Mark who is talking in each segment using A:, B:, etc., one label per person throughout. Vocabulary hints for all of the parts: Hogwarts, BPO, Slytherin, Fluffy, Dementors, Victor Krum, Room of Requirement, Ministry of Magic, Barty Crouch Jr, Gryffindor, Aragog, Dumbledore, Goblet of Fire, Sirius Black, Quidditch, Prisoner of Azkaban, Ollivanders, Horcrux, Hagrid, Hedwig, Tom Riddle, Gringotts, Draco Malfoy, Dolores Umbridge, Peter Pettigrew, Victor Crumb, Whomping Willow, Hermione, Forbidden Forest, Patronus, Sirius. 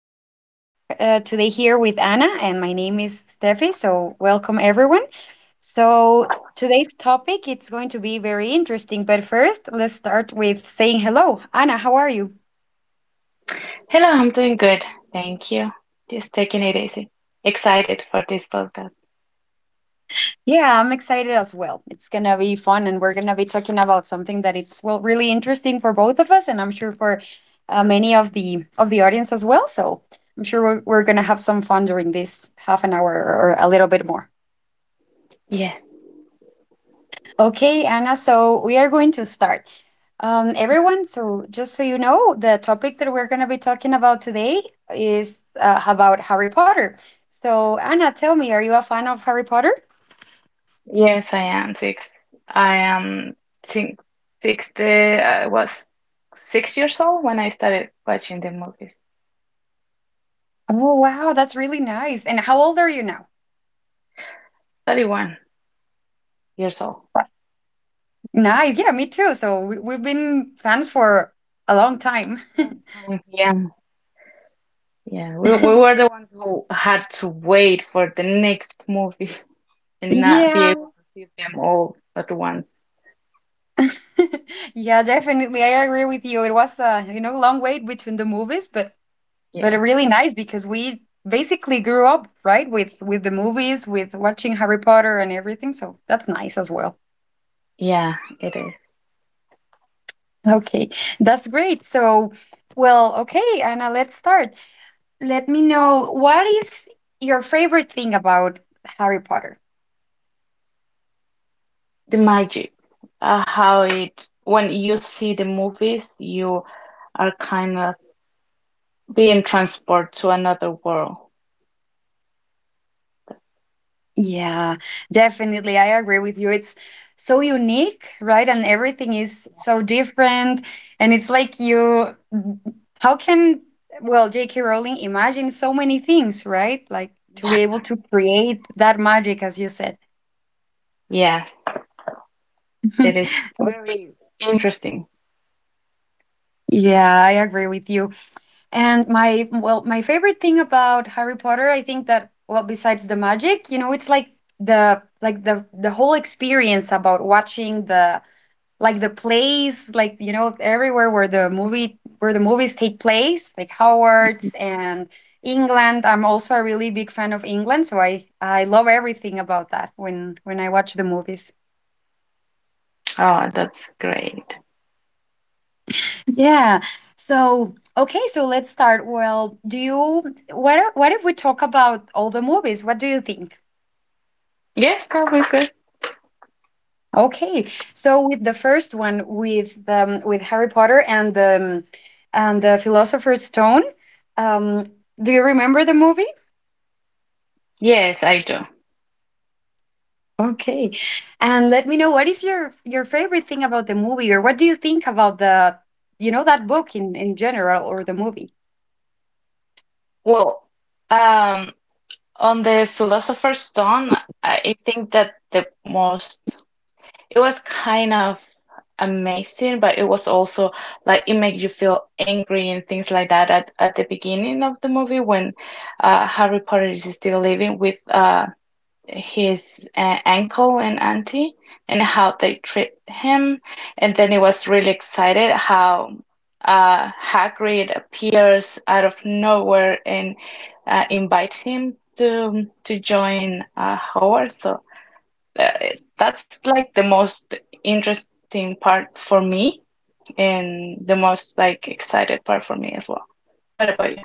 A: are going to talk today here with Anna, and my name is Steffi. So, welcome everyone. So, today's topic it's going to be very interesting. But first, let's start with saying hello, Anna. How are you?
B: Hello, I'm doing good. Thank you. Just taking it easy. Excited for this podcast.
A: Yeah, I'm excited as well. It's gonna be fun, and we're gonna be talking about something that it's well really interesting for both of us, and I'm sure for many of the audience as well. So, I'm sure we're gonna have some fun during this half an hour or a little bit more.
B: Yes.
A: Okay, Anna, so we are going to start. Everyone, so just so you know, the topic that we're going to be talking about today is about Harry Potter. So, Anna, tell me, are you a fan of Harry Potter?
B: Yes, I am six. I am think 6 day, I was 6 years old when I started watching the movies.
A: Oh, wow, that's really nice. And how old are you now?
B: 31 years old.
A: Nice. Yeah, me too. So, we've been fans for a long time.
B: Time. Yeah. Yeah. We, we were the ones who had to wait for the next movie and not be
A: Yeah.
B: able to see them all at once.
A: Yeah, definitely. I agree with you. It was a long wait between the movies, but
B: Yeah.
A: really nice because we basically grew up right with the movies, with watching Harry Potter and everything. So that's nice as well.
B: Yeah, it is.
A: Okay, that's great. So well, okay, Anna, let's start. Let me know, what is your favorite thing about Harry Potter?
B: The magic, how when you see the movies, you are kind of being transported to another world.
A: Yeah, definitely. I agree with you. It's so unique, right? And everything is so different. And it's like how can, well, J.K. Rowling imagine so many things, right? Like to be able to create that magic, as you said.
B: Yeah, it is very interesting.
A: Yeah, I agree with you. And my, well, my favorite thing about Harry Potter, I think that, well, besides the magic, you know, it's like, the like the whole experience about watching the like the place, like you know, everywhere where the movies take place, like Howard's and England. I'm also a really big fan of England, so I love everything about that when I watch the movies.
B: Oh, that's great.
A: Yeah. So okay, so let's start. Well, do you, what what if we talk about all the movies? What do you think?
B: Yes, that would be good.
A: Okay, so with the first one, with the with Harry Potter and the Philosopher's Stone. um do you remember the movie?
B: Yes, I do.
A: Okay. And let me know, what is your favorite thing about the movie, or what do you think about the, you know, that book in general, or the movie?
B: Well, um, on the Philosopher's Stone, I think that the most it was kind of amazing, but it was also like it made you feel angry and things like that at the beginning of the movie when Harry Potter is still living with his uncle and auntie and how they treat him. And then it was really excited how Hagrid appears out of nowhere and invites him to join Hogwarts. So uh, that's like the most interesting part for me and the most like excited part for me as well. What about you?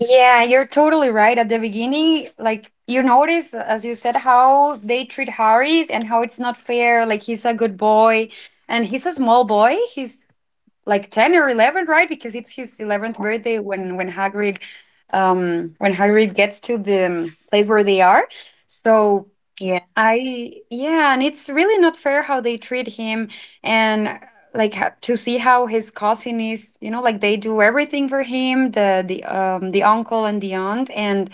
A: Yeah, you're totally right. At the beginning, like you notice, as you said, how they treat Harry and how it's not fair. Like he's a good boy and he's a small boy. He's like 10 or 11, right? Because it's his 11th birthday when Hagrid gets to the place where they are. So
B: Yeah.
A: I, yeah, and it's really not fair how they treat him. And like to see how his cousin is, you know, like they do everything for him, the the uncle and the aunt, and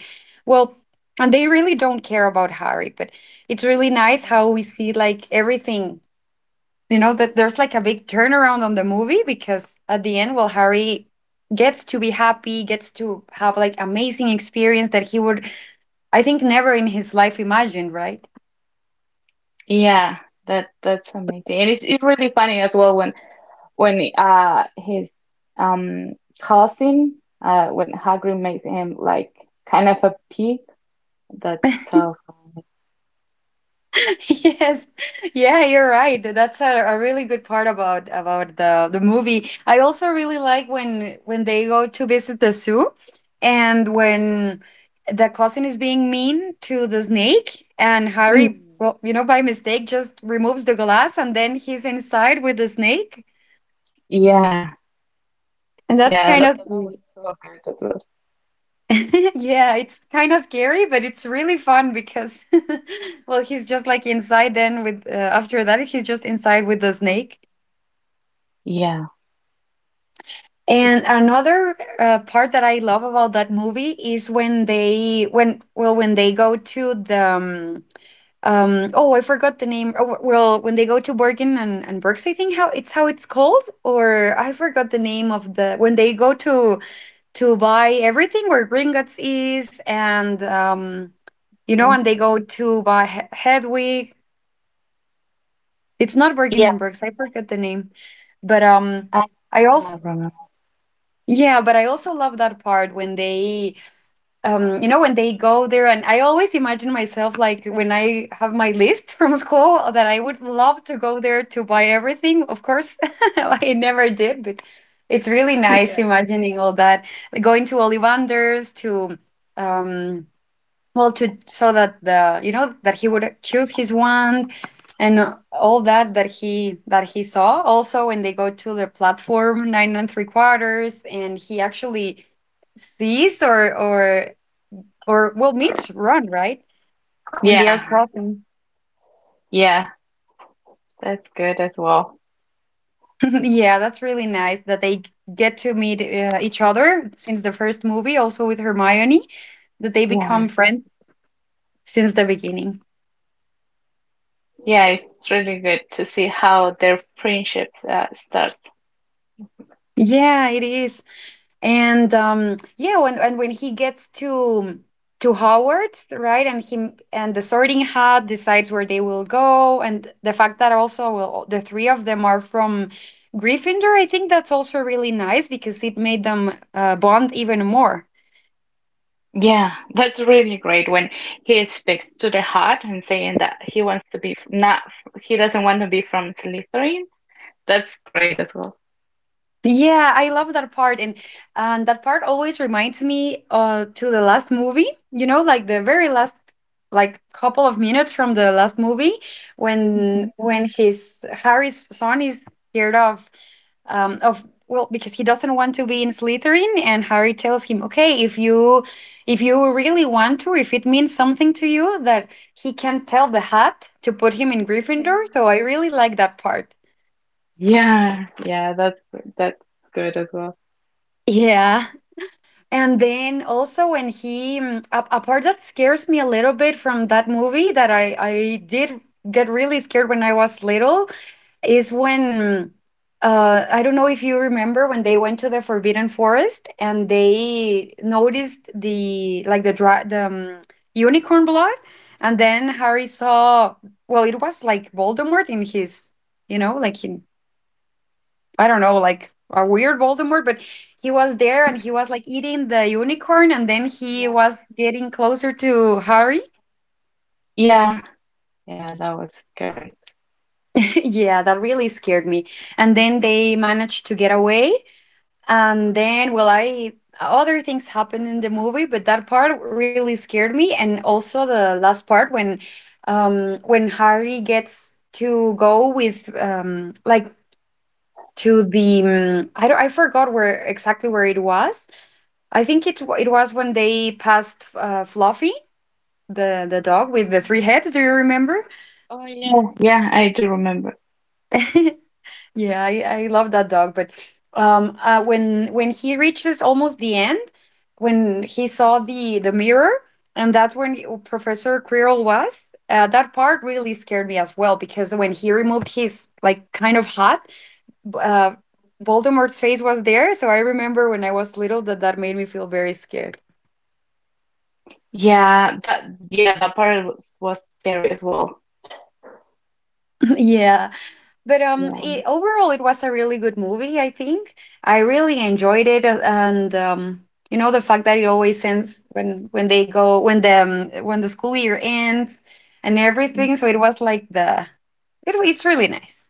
A: well, and they really don't care about Harry. But it's really nice
B: Yeah.
A: how we see, like everything, you know, that there's like a big turnaround on the movie, because at the end, well, Harry gets to be happy, gets to have like amazing experience that he would, I think, never in his life imagined, right?
B: Yeah, that's amazing. And it's really funny as well when his um cousin, when Hagrid makes him like kind of a pig. That's so fun.
A: Yes. Yeah, you're right. That's a, really good part about the movie. I also really like when they go to visit the zoo, and when the cousin is being mean to the snake and
B: Mm.
A: Harry, well, you know, by mistake just removes the glass, and then he's inside with the snake.
B: Yeah,
A: And that's
B: yeah,
A: kind
B: that,
A: of
B: that that was so good as well.
A: yeah, it's kind of scary, but it's really fun because well, he's just like inside then with after that he's just inside with the snake.
B: Yeah.
A: And
B: it's-
A: another part that I love about that movie is when they when, well, when they go to the oh, I forgot the name. Oh well, when they go to Bergen and Berks, I think how it's, how it's called, or I forgot the name of the, when they go to buy everything, where Gringotts is. And you know, and they go to buy Hedwig. It's not Bergen
B: Yeah,
A: and Berks, I forgot the name, but
B: I
A: I
B: do
A: also,
B: not remember.
A: yeah, but I also love that part when they, you know, when they go there. And I always imagine myself like when I have my list from school, that I would love to go there to buy everything. Of course, I never did, but it's really nice imagining all that. Like going to Ollivanders, to um, well, to, so that the, you know, that he would choose his wand and all that, that he, that he saw. Also, when they go to the platform nine and three quarters, and he actually sees or or well meets Ron, right, when they are
B: Yeah,
A: crossing.
B: yeah, that's good as well.
A: Yeah, that's really nice that they get to meet each other since the first movie. Also with Hermione, that they
B: Yeah,
A: become friends since the beginning.
B: yeah, it's really good to see how their friendship starts.
A: Yeah, it is. And yeah, when, and when he gets to Howard's, right? And him and the sorting hat decides where they will go, and the fact that also, well, the three of them are from Gryffindor. I think that's also really nice, because it made them bond even more.
B: Yeah, that's really great when he speaks to the heart and saying that he wants to be f- not, he doesn't want to be from Slytherin. That's great as well.
A: Yeah, I love that part, and that part always reminds me to the last movie, you know, like the very last, like couple of minutes from the last movie,
B: Hmm.
A: when his Harry's son is scared of of, well, because he doesn't want to be in Slytherin, and Harry tells him, "Okay, if you, if you really want to, if it means something to you, that he can tell the hat to put him in
B: Mhm.
A: Gryffindor." So I really like that part.
B: Yeah, yeah, that's good as well.
A: Yeah. And then also when he a, part that scares me a little bit from that movie, that I did get really scared when I was little, is when I don't know if you remember, when they went to the Forbidden Forest and they noticed the like the dra- the unicorn blood, and then Harry saw, well, it was like Voldemort in his, you know, like, he, I don't know, like a weird Voldemort, but he was there, and he
B: Mhm.
A: was like eating the unicorn, and then he
B: Yeah.
A: was getting closer to Harry.
B: Yeah, yeah, that was scary.
A: Yeah, that really scared me. And then they managed to get away. And then, well, I, other things happened in the movie, but that part really scared me. And also the last part when Harry gets to go with like to the I don't, I forgot where exactly where it was, I think it's, it was when they passed Fluffy, the dog with the three heads. Do you remember?
B: Oh, yeah. Yeah, yeah, I do remember.
A: Yeah, I love that dog. But when he reaches almost the end, when he saw the mirror, and that's when Professor Quirrell was. That part really scared me as well, because when he removed his like kind of hat, uh, Voldemort's face was there. So I remember when I was little, that that made me feel very scared.
B: Yeah, that yeah, that part was scary as well.
A: Yeah. But
B: Yeah.
A: it, overall, it was a really good movie. I think I really enjoyed it, and you know, the fact that it always ends when they go, when the school year ends and
B: Mm.
A: everything. So it was like the it, it's really nice.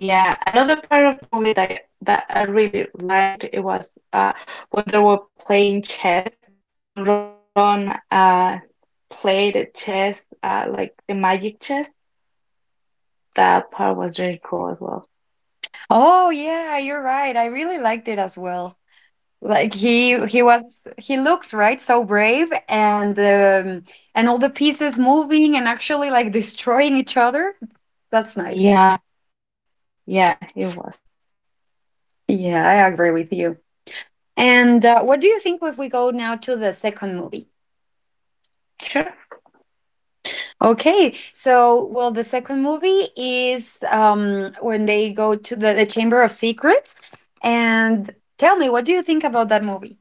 B: Yeah, another part of the movie that I really liked, it was when they were playing chess and Ron uh played chess like the magic chess. That part was really cool as well.
A: Oh yeah, you're right. I really liked it as well. Like he was, he looked right so brave, and all the pieces moving and actually like destroying each other. That's nice.
B: Yeah. Yeah, yeah, it was.
A: Yeah, I agree with you. And what do you think if we go now to the second movie?
B: Sure.
A: Okay, so well, the second movie is when they go to the Chamber of Secrets. And tell me, what do you think about that movie?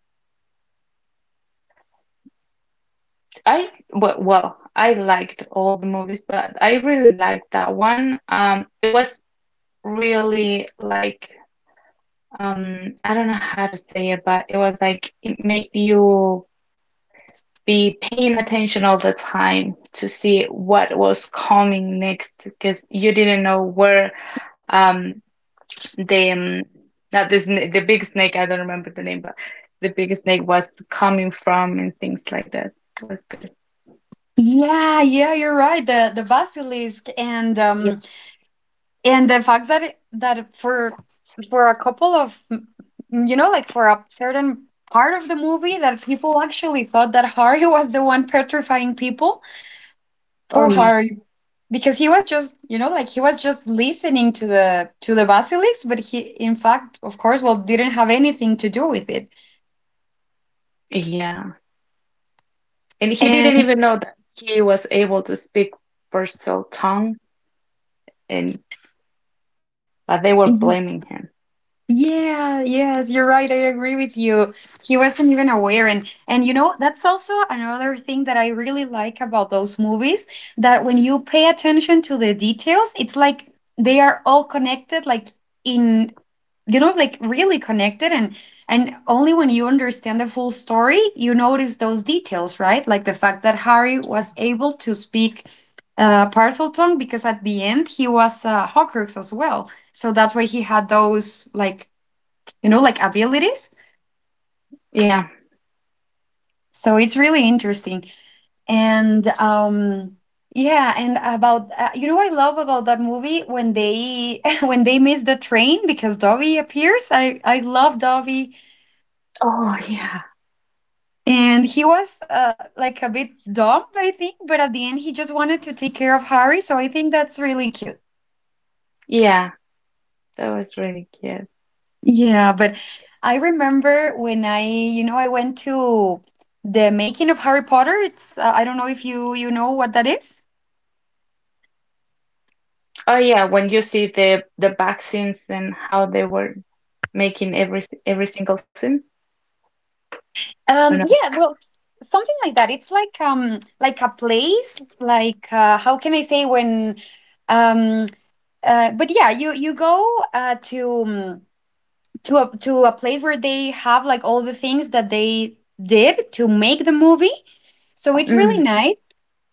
B: Well, I liked all the movies, but I really liked that one. It was really like, I don't know how to say it, but it was like it made you be paying attention all the time to see what was coming next because you didn't know where um the not the big snake, I don't remember the name, but the big snake was coming from and things like that. It was good.
A: Yeah, yeah, you're right. The basilisk
B: Yes.
A: and the fact that it, that for a couple of you know, like for a certain part of the movie, that people actually thought that Harry was the one petrifying people.
B: Oh
A: Poor
B: yeah.
A: Harry, because he was just, you know, like he was just listening to the basilisk, but he, in fact, of course, well, didn't have anything to do with it.
B: Yeah. And he
A: And
B: didn't even know that he was able to speak Purcell tongue and but they were blaming him.
A: yeah, yes, you're right. I agree with you. He wasn't even aware, and that's also another thing that I really like about those movies, that when you pay attention to the details, it's like they are all connected, like in, like really connected, and only when you understand the full story, you notice those details, right? Like the fact that Harry
B: Yeah.
A: was able to speak parcel tongue, because at the end he was a Horcrux as well. So that's why he had those, like abilities.
B: Yeah.
A: So it's really interesting. And yeah, and about you know what I love about that movie, when they when they miss the train because Dobby appears. I love Dobby,
B: Oh yeah.
A: and he was, like a bit dumb I think, but at the end he just wanted to take care of Harry, so I think that's really cute.
B: Yeah. That was really cute.
A: Yeah, but I remember when I went to the making of Harry Potter. It's, I don't know if you know what that is.
B: Oh yeah, when you see the back scenes and how they were making every single scene. Or no.
A: Yeah, well, something like that. It's like, like a place, like, how can I say when um but yeah, you go, to a place where they have like all the things that they did to make the movie. So it's really
B: Mm.
A: nice.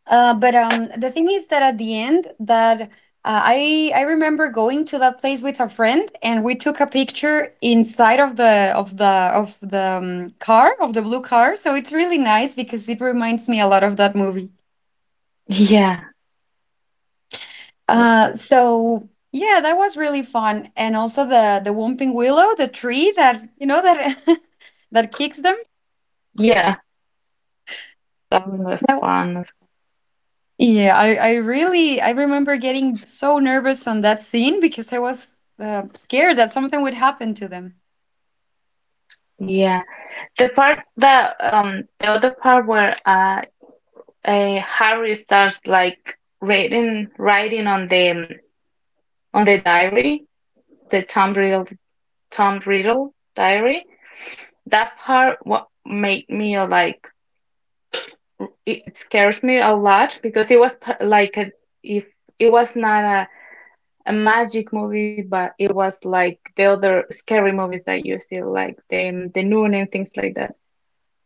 A: But the thing is that at the end, that I remember going to that place with a friend, and we took a picture inside of the car, of the blue car. So it's really nice because it reminds me a lot of that movie.
B: Yeah. that-
A: So yeah, that was really fun. And also the Whomping Willow, the tree that you know that that kicks them.
B: Yeah. That one was fun as
A: Yeah, I remember getting so nervous on that scene because I was, scared that something would happen to them.
B: well. Yeah. The other part where Harry starts like writing on the diary, the Tom Riddle diary. That part what made me like it scares me a lot because it was like if it was not a magic movie, but it was like the other scary movies that you see, like the Nun and things like that.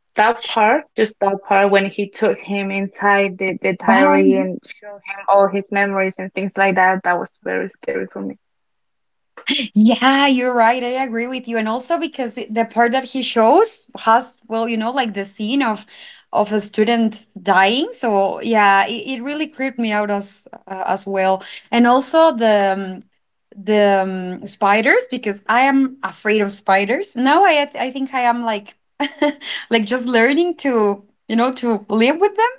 B: That part, just that part when he took him inside the
A: Oh,
B: diary and showed him all his memories and things like that, that was very scary for me.
A: yeah, you're right. I agree with you. And also because the part that he shows has, well, like the scene of a student dying. So yeah, it really creeped me out as well. And also the spiders, because I am afraid of spiders. Now I think I am like like just learning to, to live with them,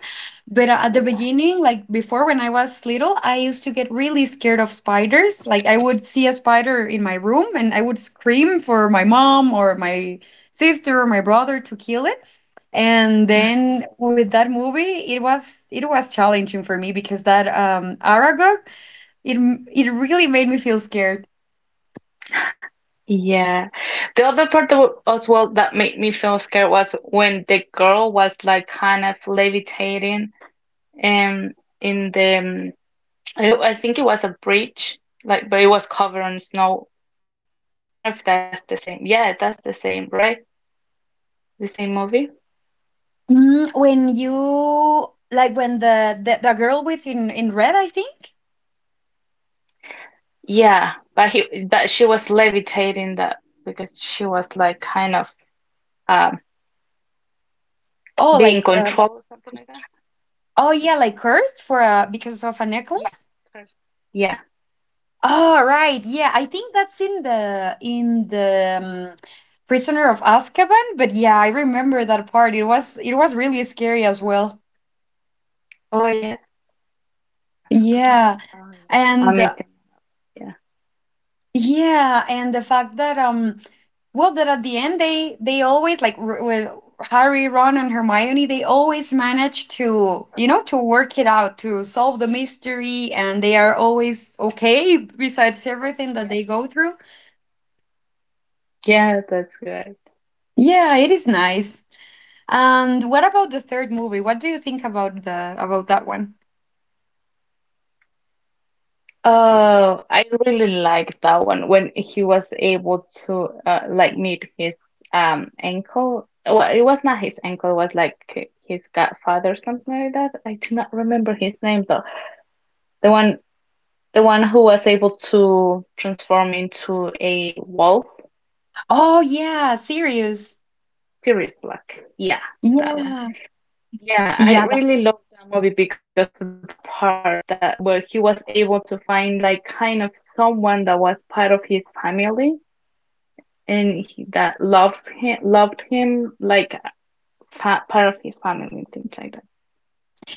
A: but, at the beginning, like before when I was little, I used to get really scared of spiders. Like I would see a spider in my room and I would scream for my mom or my sister or my brother to kill it. And then with that movie, it was challenging for me, because that Aragog, it really made me feel scared.
B: Yeah. The other part as well that made me feel scared was when the girl was like kind of levitating, um in the I think it was a bridge, like but it was covered in snow. I don't know if that's the same. Yeah, that's the same, right? The same movie?
A: When you like when the girl with in red, I think.
B: Yeah, but he but she was levitating that because she was like kind of um
A: Oh,
B: being controlled or something like that.
A: oh yeah, like cursed, for a because of a
B: Yeah,
A: necklace.
B: perfect. Yeah.
A: Oh, right. Yeah, I think that's in the Prisoner of Azkaban, but yeah, I remember that part. It was really scary as well.
B: Oh yeah, that's a good one.
A: Yeah.
B: Oh yeah,
A: And,
B: amazing. Yeah.
A: yeah, and the fact that well, that at the end, they always, with Harry, Ron and Hermione, they always manage, to work it out, to solve the mystery, and they are always okay besides everything that
B: Yeah.
A: they go through.
B: Yeah, that's good.
A: Yeah, it is nice. And what about the third movie? What do you think about the about that one?
B: Oh, I really liked that one when he was able to like meet his ankle. Well, it was not his ankle, it was like his godfather or something like that. I do not remember his name though. The one The one who was able to transform into a wolf,
A: Oh yeah, serious.
B: Sirius Black. Yeah, that one.
A: Yeah.
B: Yeah, I
A: Yeah.
B: really loved that movie because of that part that where he was able to find like kind of someone that was part of his family and that loved him, like fa part of his family and things like that.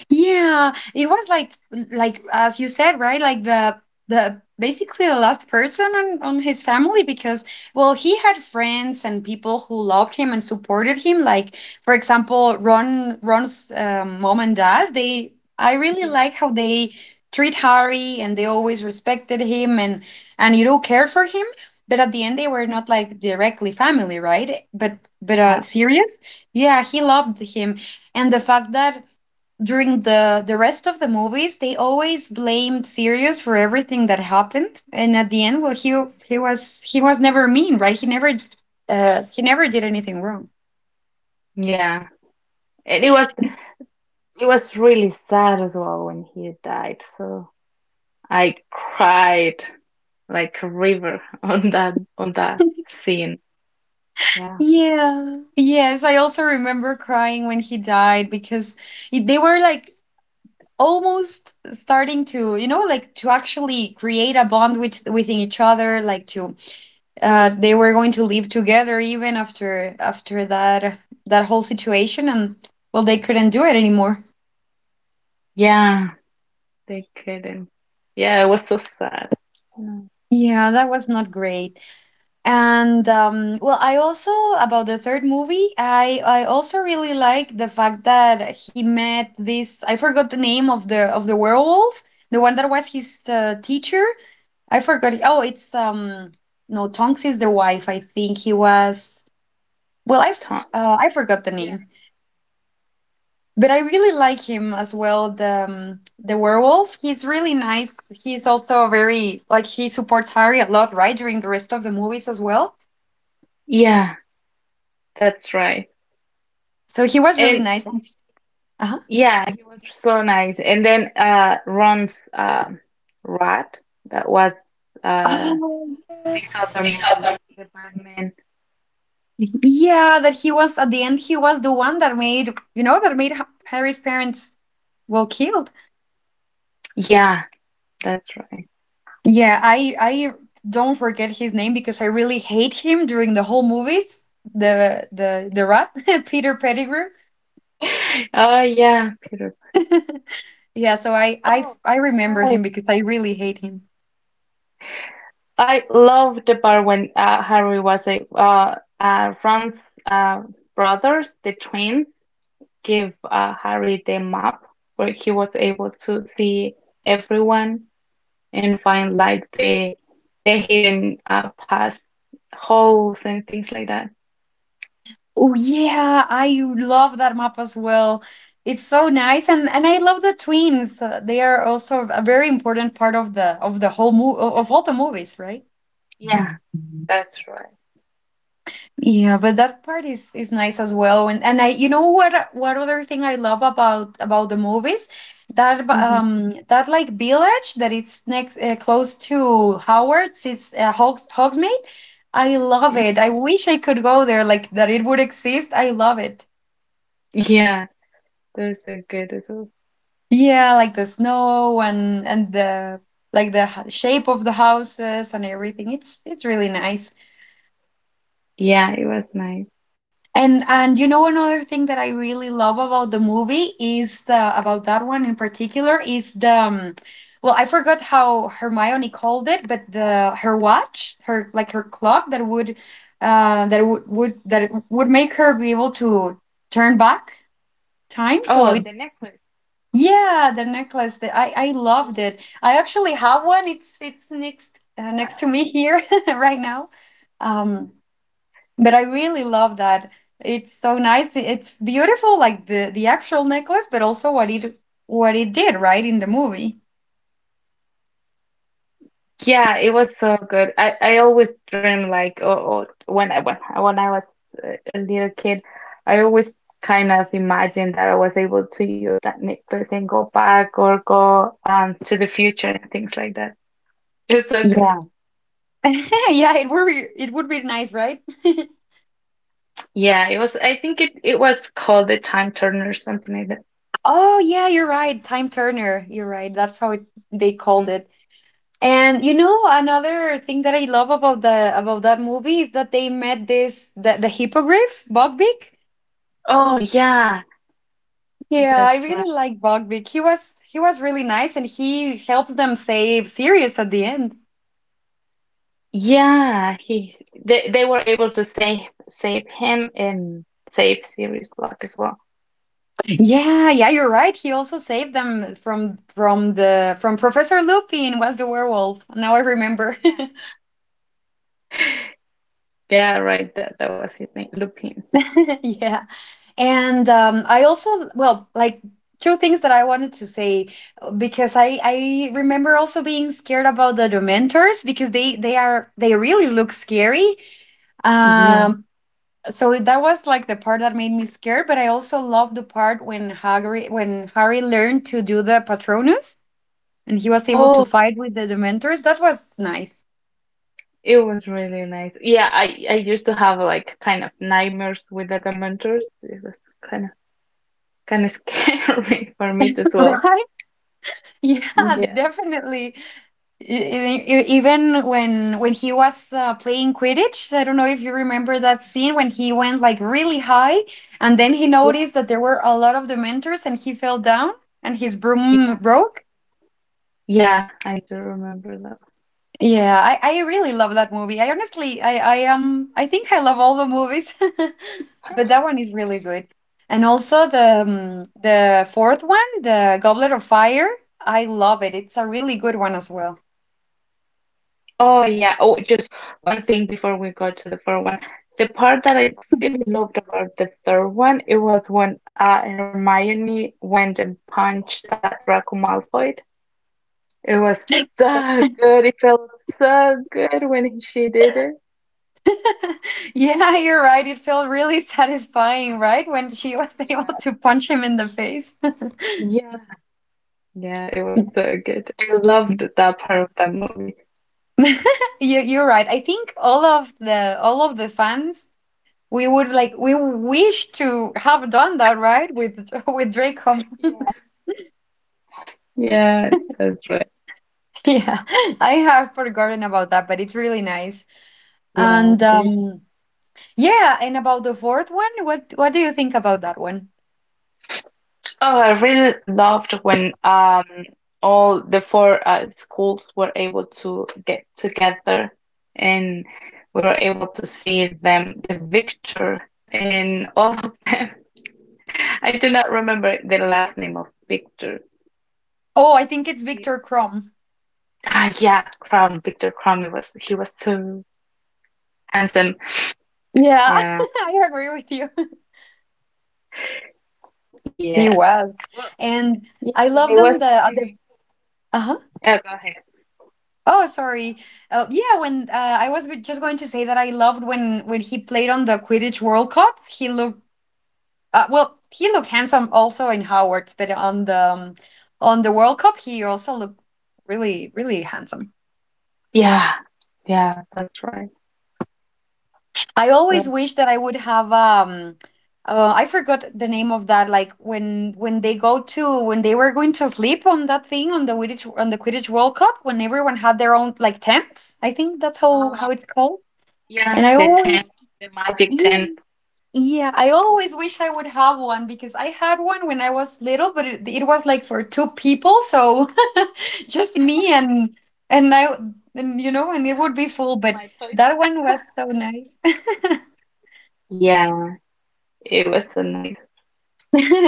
A: Yeah, it was, like as you said, right? Like the basically the last person on his family, because, well, he had friends and people who loved him and supported him, like for example, Ron's mom and dad. They i really like how they treat Harry, and they always respected him, and cared for him. But at the end, they were not like directly family, right? but but
B: Yeah,
A: uh Serious, yeah, he loved him. And the fact that during the rest of the movies, they always blamed Sirius for everything that happened, and at the end, well, he was never mean, right? He never did anything wrong.
B: yeah. And it was really sad as well when he died. So I cried like a river on that scene. Yeah.
A: Yeah. Yes, I also remember crying when he died, because they were like almost starting to, like to actually create a bond within each other, like to they were going to live together, even after that whole situation, and well, they couldn't do it anymore.
B: Yeah, they couldn't. Yeah, it was so sad. Mm.
A: Yeah, that was not great. And well, I also, about the third movie, I also really like the fact that he met this I forgot the name of the werewolf, the one that was his, teacher. I forgot. Oh, it's, no, Tonks is the wife I think. He was well I f-
B: Tom.
A: I forgot the
B: Yeah.
A: name, but I really like him as well. The werewolf, he's really nice. He's also very, like, he supports Harry a lot, right? During the rest of the movies as well.
B: Yeah, that's right.
A: So he was really
B: And
A: nice. Uh-huh.
B: yeah, he was so nice. And then Ron's rat that was uh
A: Oh
B: this other man, the bad man.
A: yeah, that he was at the end. He was the one that made you know that made Harry's parents, well, killed.
B: Yeah, that's right.
A: Yeah, I don't forget his name because I really hate him during the whole movies. The rat Peter Pettigrew.
B: Oh yeah, Peter. Pan.
A: Yeah, so, I, I
B: Oh,
A: I remember him
B: right.
A: because I really hate him.
B: I loved the part when Harry was a Ron's brothers, the twins, give Harry the map where he was able to see everyone and find like the hidden past holes and things like that.
A: Oh yeah, I love that map as well. It's so nice, and I love the twins. They are also a very important part of the whole movie, of all the movies, right?
B: Yeah. Yeah, that's right.
A: Yeah, but that part is nice as well. And you know what other thing I love about the movies, that b-
B: Hmm.
A: um that like village that it's next close to Howard's. It's, Hogsmeade. I love it. I wish I could go there. Like that it would exist. I love it.
B: Yeah, that's so good as well.
A: Yeah, like the snow and the, like, shape of the houses and everything. It's really nice.
B: Yeah, it was nice.
A: And another thing that I really love about the movie, is the, about that one in particular, is the well, I forgot how Hermione called it, but the her watch her like her clock, that would that it would make her be able to turn back time. So
B: Oh, the
A: it
B: necklace.
A: yeah, the necklace, that I loved it. I actually have one. It's next to me here right now. um but I really love that. It's so nice. It's beautiful, like the actual necklace, but also what it did, right, in the movie.
B: Yeah, it was so good. I always dream like, when when I was a little kid, I always kind of imagined that I was able to use that necklace and go back or go to the future and things like that. It was so good.
A: Yeah. Yeah, it would be nice, right?
B: Yeah, it was. I think it was called the Time Turner or something like that.
A: Oh yeah, you're right, time turner, you're right, that's how they called
B: Mhm.
A: it. And another thing that I love about the about that movie, is that they met the hippogriff Buckbeak.
B: Oh yeah,
A: Yeah, I
B: that's right.
A: really like Buckbeak, he was really nice, and he helps them save Sirius at the end.
B: Yeah, he they were able to save him and save Sirius Black as well.
A: Yeah, yeah, you're right. He also saved them from Professor Lupin, was the werewolf. Now I remember.
B: Yeah, right. That was his name, Lupin.
A: Yeah. And I also, well, like two things that I wanted to say, because I remember also being scared about the Dementors, because they really look scary.
B: Yeah.
A: Um, so that was like the part that made me scared. But I also loved the part when Harry learned to do the Patronus and he was able to
B: Oh, yeah.
A: fight with the Dementors. That was nice,
B: It was really nice. Yeah, I used to have like kind of nightmares with the Dementors. It was kind of scary for me as well.
A: right? Yeah,
B: Yeah,
A: definitely. Even when he was, playing Quidditch. I don't know if you remember
B: yeah,
A: that scene, when he went like really high, and then he noticed that there were a lot of Dementors, and he fell down, and his broom
B: yeah,
A: broke.
B: yeah. I do remember that.
A: Yeah, I really love that movie. I honestly, I think I love all the movies, but that one is really good. And also the fourth one, the Goblet of Fire. I love it. It's a really good one as well.
B: Oh yeah. Oh, just one thing before we go to the fourth one. The part that I really loved about the third one, it was when Hermione went and punched Draco Malfoy. It was so good. It felt so good when she did it.
A: Yeah, you're right. It felt really satisfying, right? When she was
B: Yeah,
A: able to punch him in the face.
B: yeah, yeah, it was so good. I loved that part of that movie.
A: You're right. I think all of the fans, We would like we wish to have done that, right? With with Drake Home.
B: Yeah. Yeah, that's right.
A: Yeah. I have forgotten about that, but it's really nice.
B: Yeah,
A: And
B: I did.
A: yeah, and about the fourth one, what do you think about that one?
B: Oh, I really loved when all the four schools were able to get together and we were able to see them, the victor and all of them. I do not remember the last name of Victor.
A: Oh, I think it's Victor Crumb.
B: Ah, yeah, Crown, Victor Crumb. It was he was so handsome.
A: Yeah,
B: Yeah,
A: I agree with you. He
B: yeah.
A: was.
B: Well,
A: And
B: yeah,
A: I
B: and
A: love
B: it
A: them,
B: was
A: the at the
B: really.
A: uh-huh.
B: Yeah, go ahead.
A: Oh, sorry. Yeah, when I was just going to say that I loved when he played on the Quidditch World Cup, he looked he looked handsome also in Howard's, but on the on the World Cup, he also looked really, really handsome.
B: Yeah, yeah, that's right.
A: I
B: Yeah,
A: always wish that I would have. I forgot the name of that. Like when they go to when they were going to sleep on that thing on the Quidditch World Cup when everyone had their own like tents. I think that's how
B: uh,
A: how it's called.
B: yeah,
A: And I
B: the ten,
A: always
B: the magic ten.
A: yeah. Yeah, I
B: Yeah,
A: always wish I would have one because I had one when I was little, but it was like for two people, so just me and I and it would be full, but
B: my type.
A: that one was so nice.
B: Yeah, it was so nice.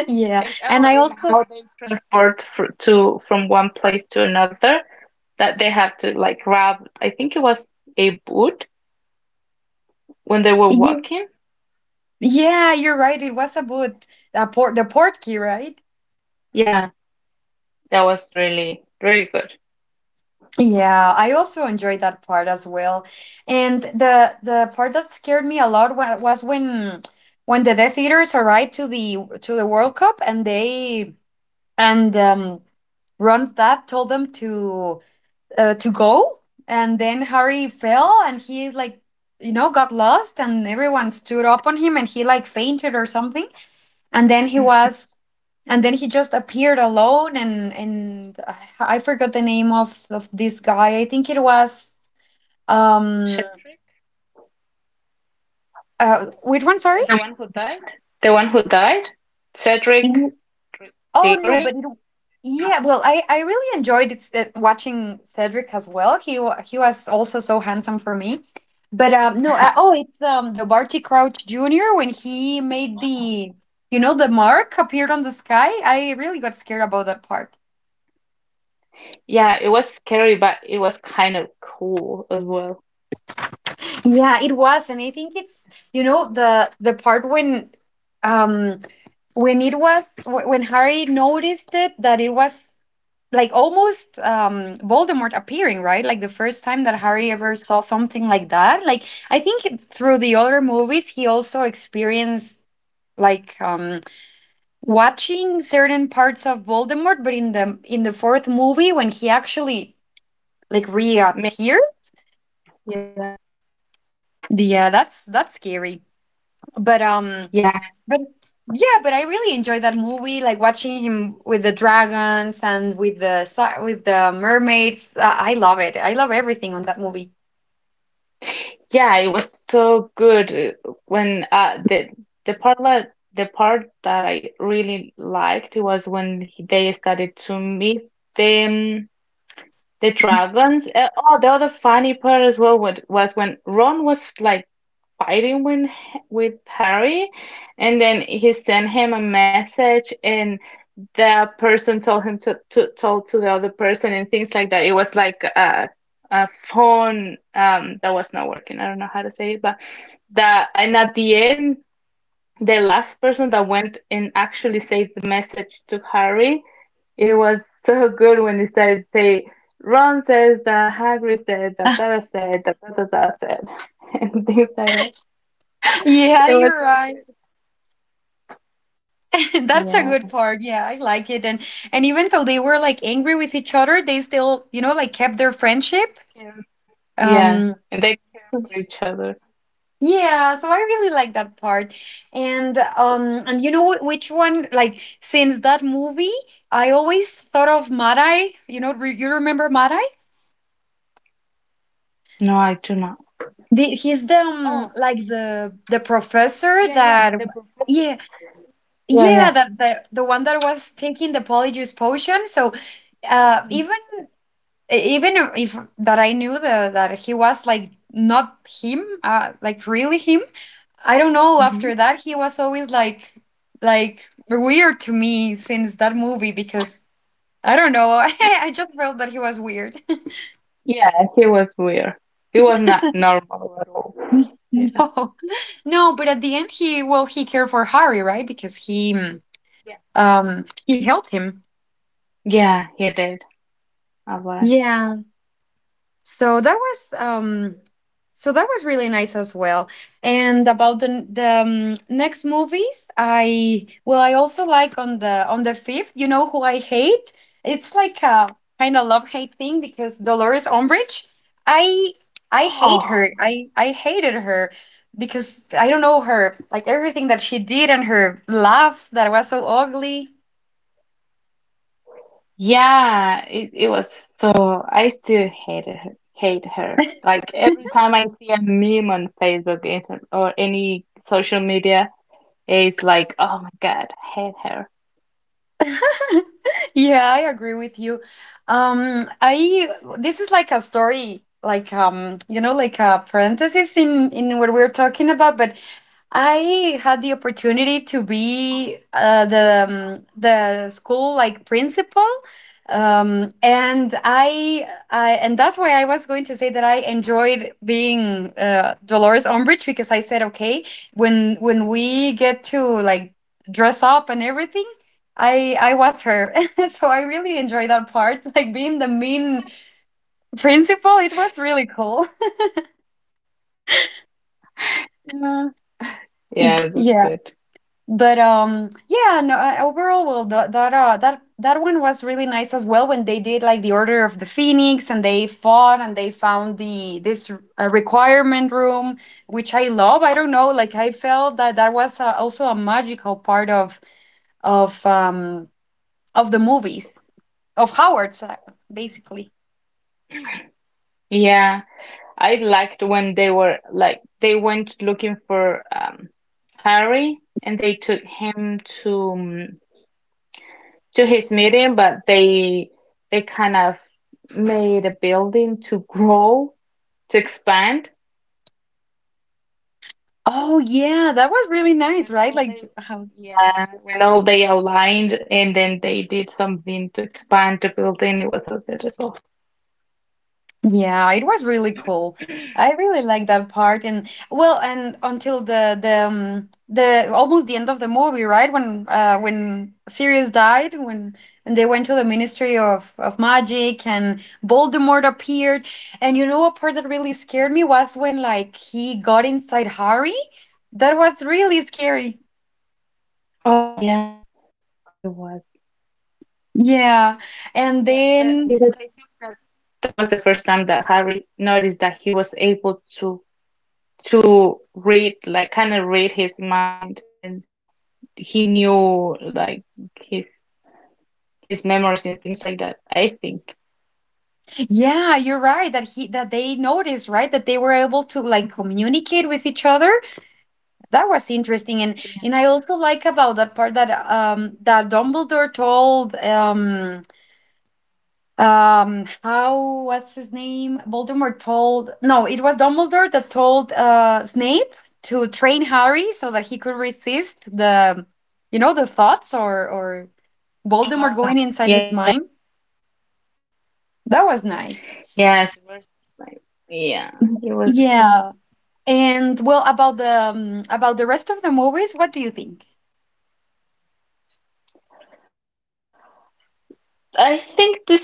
A: Yeah,
B: And oh,
A: and I
B: and
A: also
B: how they transport fr to from one place to another. That they have to like grab. I think it was a boot when they were
A: yeah,
B: walking.
A: yeah, you're right. It was a boot, a port, the port key, right?
B: Yeah, that was really good.
A: Yeah, I also enjoyed that part as well. And the part that scared me a lot was when the Death Eaters arrived to the World Cup and they and Ronstadt told them to go and then Harry fell and he like you know got lost and everyone stood up on him and he like fainted or something and then he was and then he just appeared alone and I forgot the name of this guy. I think it was um
B: Cedric,
A: which one, sorry.
B: the one who died? The one who died? Cedric
A: Mhm.
B: Dr-
A: Oh no, but
B: Diggory?
A: it-
B: No.
A: yeah, well I really enjoyed it, watching Cedric as well. He he was also so handsome for me, but no
B: Yeah.
A: oh it's the Barty Crouch Jr. when he made
B: Oh.
A: the you know the mark appeared on the sky. I really got scared about that part.
B: Yeah, it was scary, but it was kind of cool as well.
A: Yeah, it was, and I think it's you know the part when um when it was when Harry noticed it, that it was like almost Voldemort appearing, right? Like the first time that Harry
B: Mhm.
A: ever saw something like that. Like I think it- through the other movies he also experienced like watching certain parts of Voldemort, but in the fourth movie when he actually like
B: Mix,
A: reappeared,
B: yeah.
A: yeah, that's scary. but um
B: Yeah.
A: but yeah, but I really enjoyed that movie, like watching him with the dragons and with the with the mermaids. I love it. I love everything on that movie.
B: Yeah, it was so good when the part that I really liked was when they started to meet the um, the dragons. Oh, the other funny part as well was when Ron was like fighting with Harry, and then he sent him a message, and the person told him to told to the other person and things like that. It was like a phone that was not working. I don't know how to say it, but that, and at the end, the last person that went and actually saved the message to Harry, it was so good when he started to say, "Ron says that Hagrid said that Dada Dada said," and things like that.
A: yeah,
B: It was
A: you're
B: so
A: right.
B: good.
A: that's a
B: Yeah,
A: good part. Yeah, I like it. And even though they were like angry with each other, they still you know like kept their friendship.
B: yeah, yeah.
A: um
B: And they care for each other.
A: Yeah, so I really like that part. And you know which one, like since that movie I always thought of Madai, you know you remember Madai?
B: No, I do not.
A: The, he's the
B: Oh.
A: like the professor
B: Yeah, yeah,
A: that
B: the professor.
A: yeah,
B: Yeah, yeah.
A: yeah, that the one that was taking the polyjuice potion. So uh
B: Hmm,
A: even even if that I knew the, that he was like not him, like really him, I don't know.
B: hmm.
A: After that, he was always like weird to me since that movie because I don't know. I just felt that he was weird.
B: Yeah, he was weird. He was not normal at all. Yeah.
A: no, no. But at the end, he well, he cared for Harry, right? Because he mm,
B: Yeah.
A: um he helped him.
B: Yeah, he did. I was.
A: Yeah, so that was um so that was really nice as well. And about the next movies, I well, I also like on the fifth, you know who I hate. It's like a kind of love hate thing because Dolores Umbridge, i I
B: Oh,
A: hate
B: Oh,
A: her. I hated her because I don't know her, like everything that she did and her laugh that was so ugly.
B: yeah. It was so. I still hated her. Hate her. Like every time I see a meme on Facebook, or any social media, it's like, oh my God, I hate her.
A: yeah, I agree with you. I this is like a story, like you know, like a parenthesis in what we're talking about. But I had the opportunity to be the school like principal, and I and that's why I was going to say that I enjoyed being Dolores Umbridge, because I said okay, when we get to like dress up and everything, I was her, so I really enjoyed that part, like being the mean principal. It was really cool.
B: Yeah. Yeah, that's
A: Yeah.
B: good.
A: but yeah no Overall, well that one was really nice as well, when they did like the Order of the Phoenix and they fought and they found the this requirement room, which I love. I don't know, like I felt that that was also a magical part of of um the movies of Howard's basically.
B: Yeah. I liked when they were like they went looking for Harry and they took him to, to his meeting, but they kind of made a building to grow to expand.
A: Oh yeah, that was really nice,
B: When
A: right?
B: all
A: Like
B: they, yeah, yeah, when all they aligned, and then they did something to expand the building. It was a good as well.
A: yeah, it was really cool. I really like that part, and well, and until the the almost the end of the movie, right? When when Sirius died, when they went to the Ministry of Magic, and Voldemort appeared, and you know, a part that really scared me was when like he got inside Harry. That was really scary.
B: Oh yeah, it was,
A: Yeah, and
B: yeah, but
A: then
B: because but I think that was the first time that Harry noticed that he was able to read, like kind of read his mind, and. He knew like his his memories and things like that. I think.
A: yeah, you're right that he that they noticed, right? That they were able to like
B: Mhm.
A: communicate with each other. That was interesting. And
B: Yeah.
A: I also like about that part that Dumbledore told how, what's his name, Voldemort told, no, it was Dumbledore that told Snape to train Harry so that he could resist the you know the thoughts or Voldemort going inside
B: Uh,
A: his mind.
B: yeah,
A: That was nice.
B: yeah. So we're just like, yeah, he
A: Yeah,
B: was good.
A: and well about the about the rest of the movies, what do you think?
B: I think the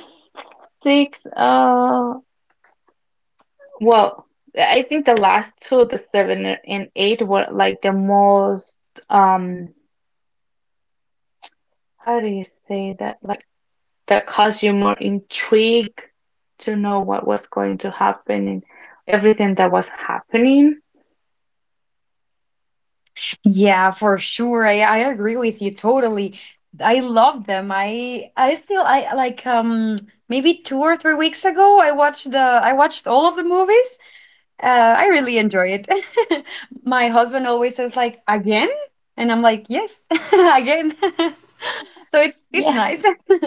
B: six. Well, I think the last two, the seven and eight, were like the most. How do you say that? Like that caused you more intrigue to know what was going to happen and everything that was happening.
A: Yeah, for sure. I agree with you totally. I love them. I still I like maybe two or three weeks ago I watched the I watched all of the movies. I really enjoy it. My husband always says like again, and I'm like yes, again. so it's nice.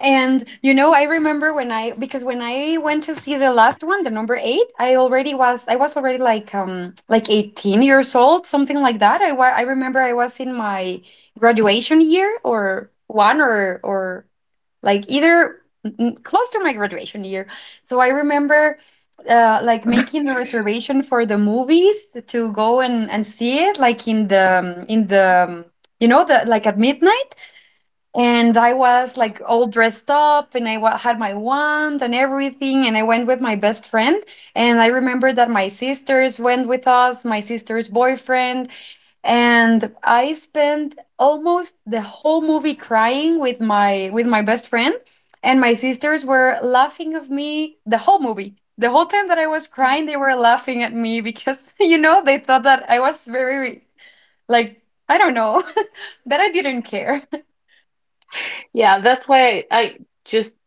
A: And you know, I remember when I, because when I went to see the last one, the number 8, I was already like 18 years old, something like that. I remember I was in my graduation year, or one, or like either n- close to my graduation year. So I remember like making the reservation for the movies to go and see it like in the you know the like at midnight, and I was like all dressed up, and had my wand and everything, and I went with my best friend, and I remember that my sisters went with us, my sister's boyfriend, and I spent almost the whole movie crying with my best friend, and my sisters were laughing of me the whole movie, the whole time that I was crying they were laughing at me, because you know they thought that I was very like, I don't know, but I didn't care.
B: Yeah, that's why just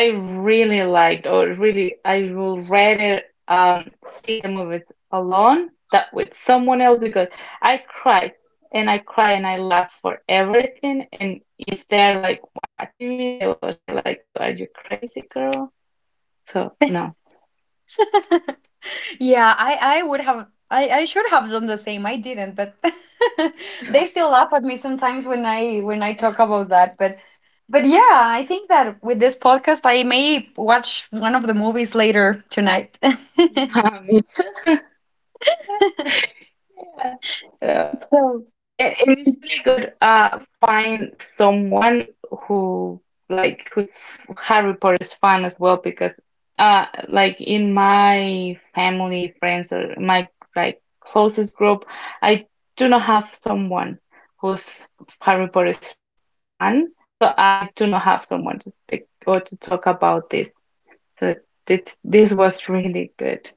B: I really liked, or really I will rather see the movies alone that with someone else, because I cry and I cry and I laugh for everything, and if they're like watching me they will say like, oh, are you crazy girl? So no.
A: Yeah, I would have I should have done the same. I didn't, but they still laugh at me sometimes when I talk about that. But yeah, I think that with this podcast I may watch one of the movies later tonight.
B: Yeah, me too.
A: so
B: Yeah, and it's really good. Find someone who who's Harry Potter's fan as well, because like in my family, friends, or my like closest group, I do not have someone who's Harry Potter's fan, so I do not have someone to speak or to talk about this. So this was really good.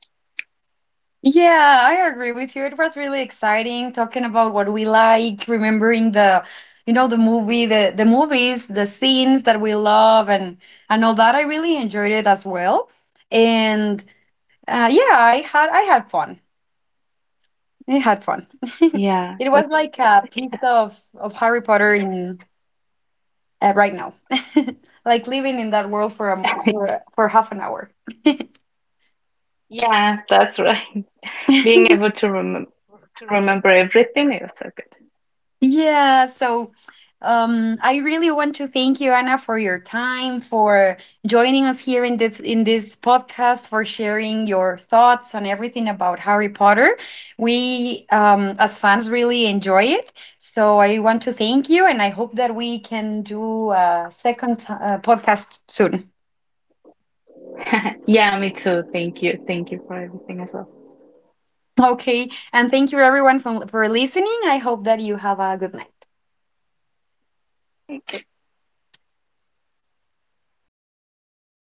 A: yeah, I agree with you. It was really exciting talking about what we like, remembering the you know the movie, the movies, the scenes that we love and all that. I really enjoyed it as well. And yeah, I had fun. I had fun.
B: Yeah, it was so
A: it was
B: good.
A: like a piece of Harry Potter in right now, like living in that world for for half an hour.
B: Yeah, yeah, that's right. Being able to remember everything is so good.
A: Yeah, so I really want to thank you, Anna, for your time, for joining us here in this podcast, for sharing your thoughts on everything about Harry Potter. We, as fans, really enjoy it. So I want to thank you, and I hope that we can do a second podcast soon.
B: Yeah, me too. Thank you. Thank you for everything as well.
A: Okay, and thank you everyone for listening. I hope that you have a good night.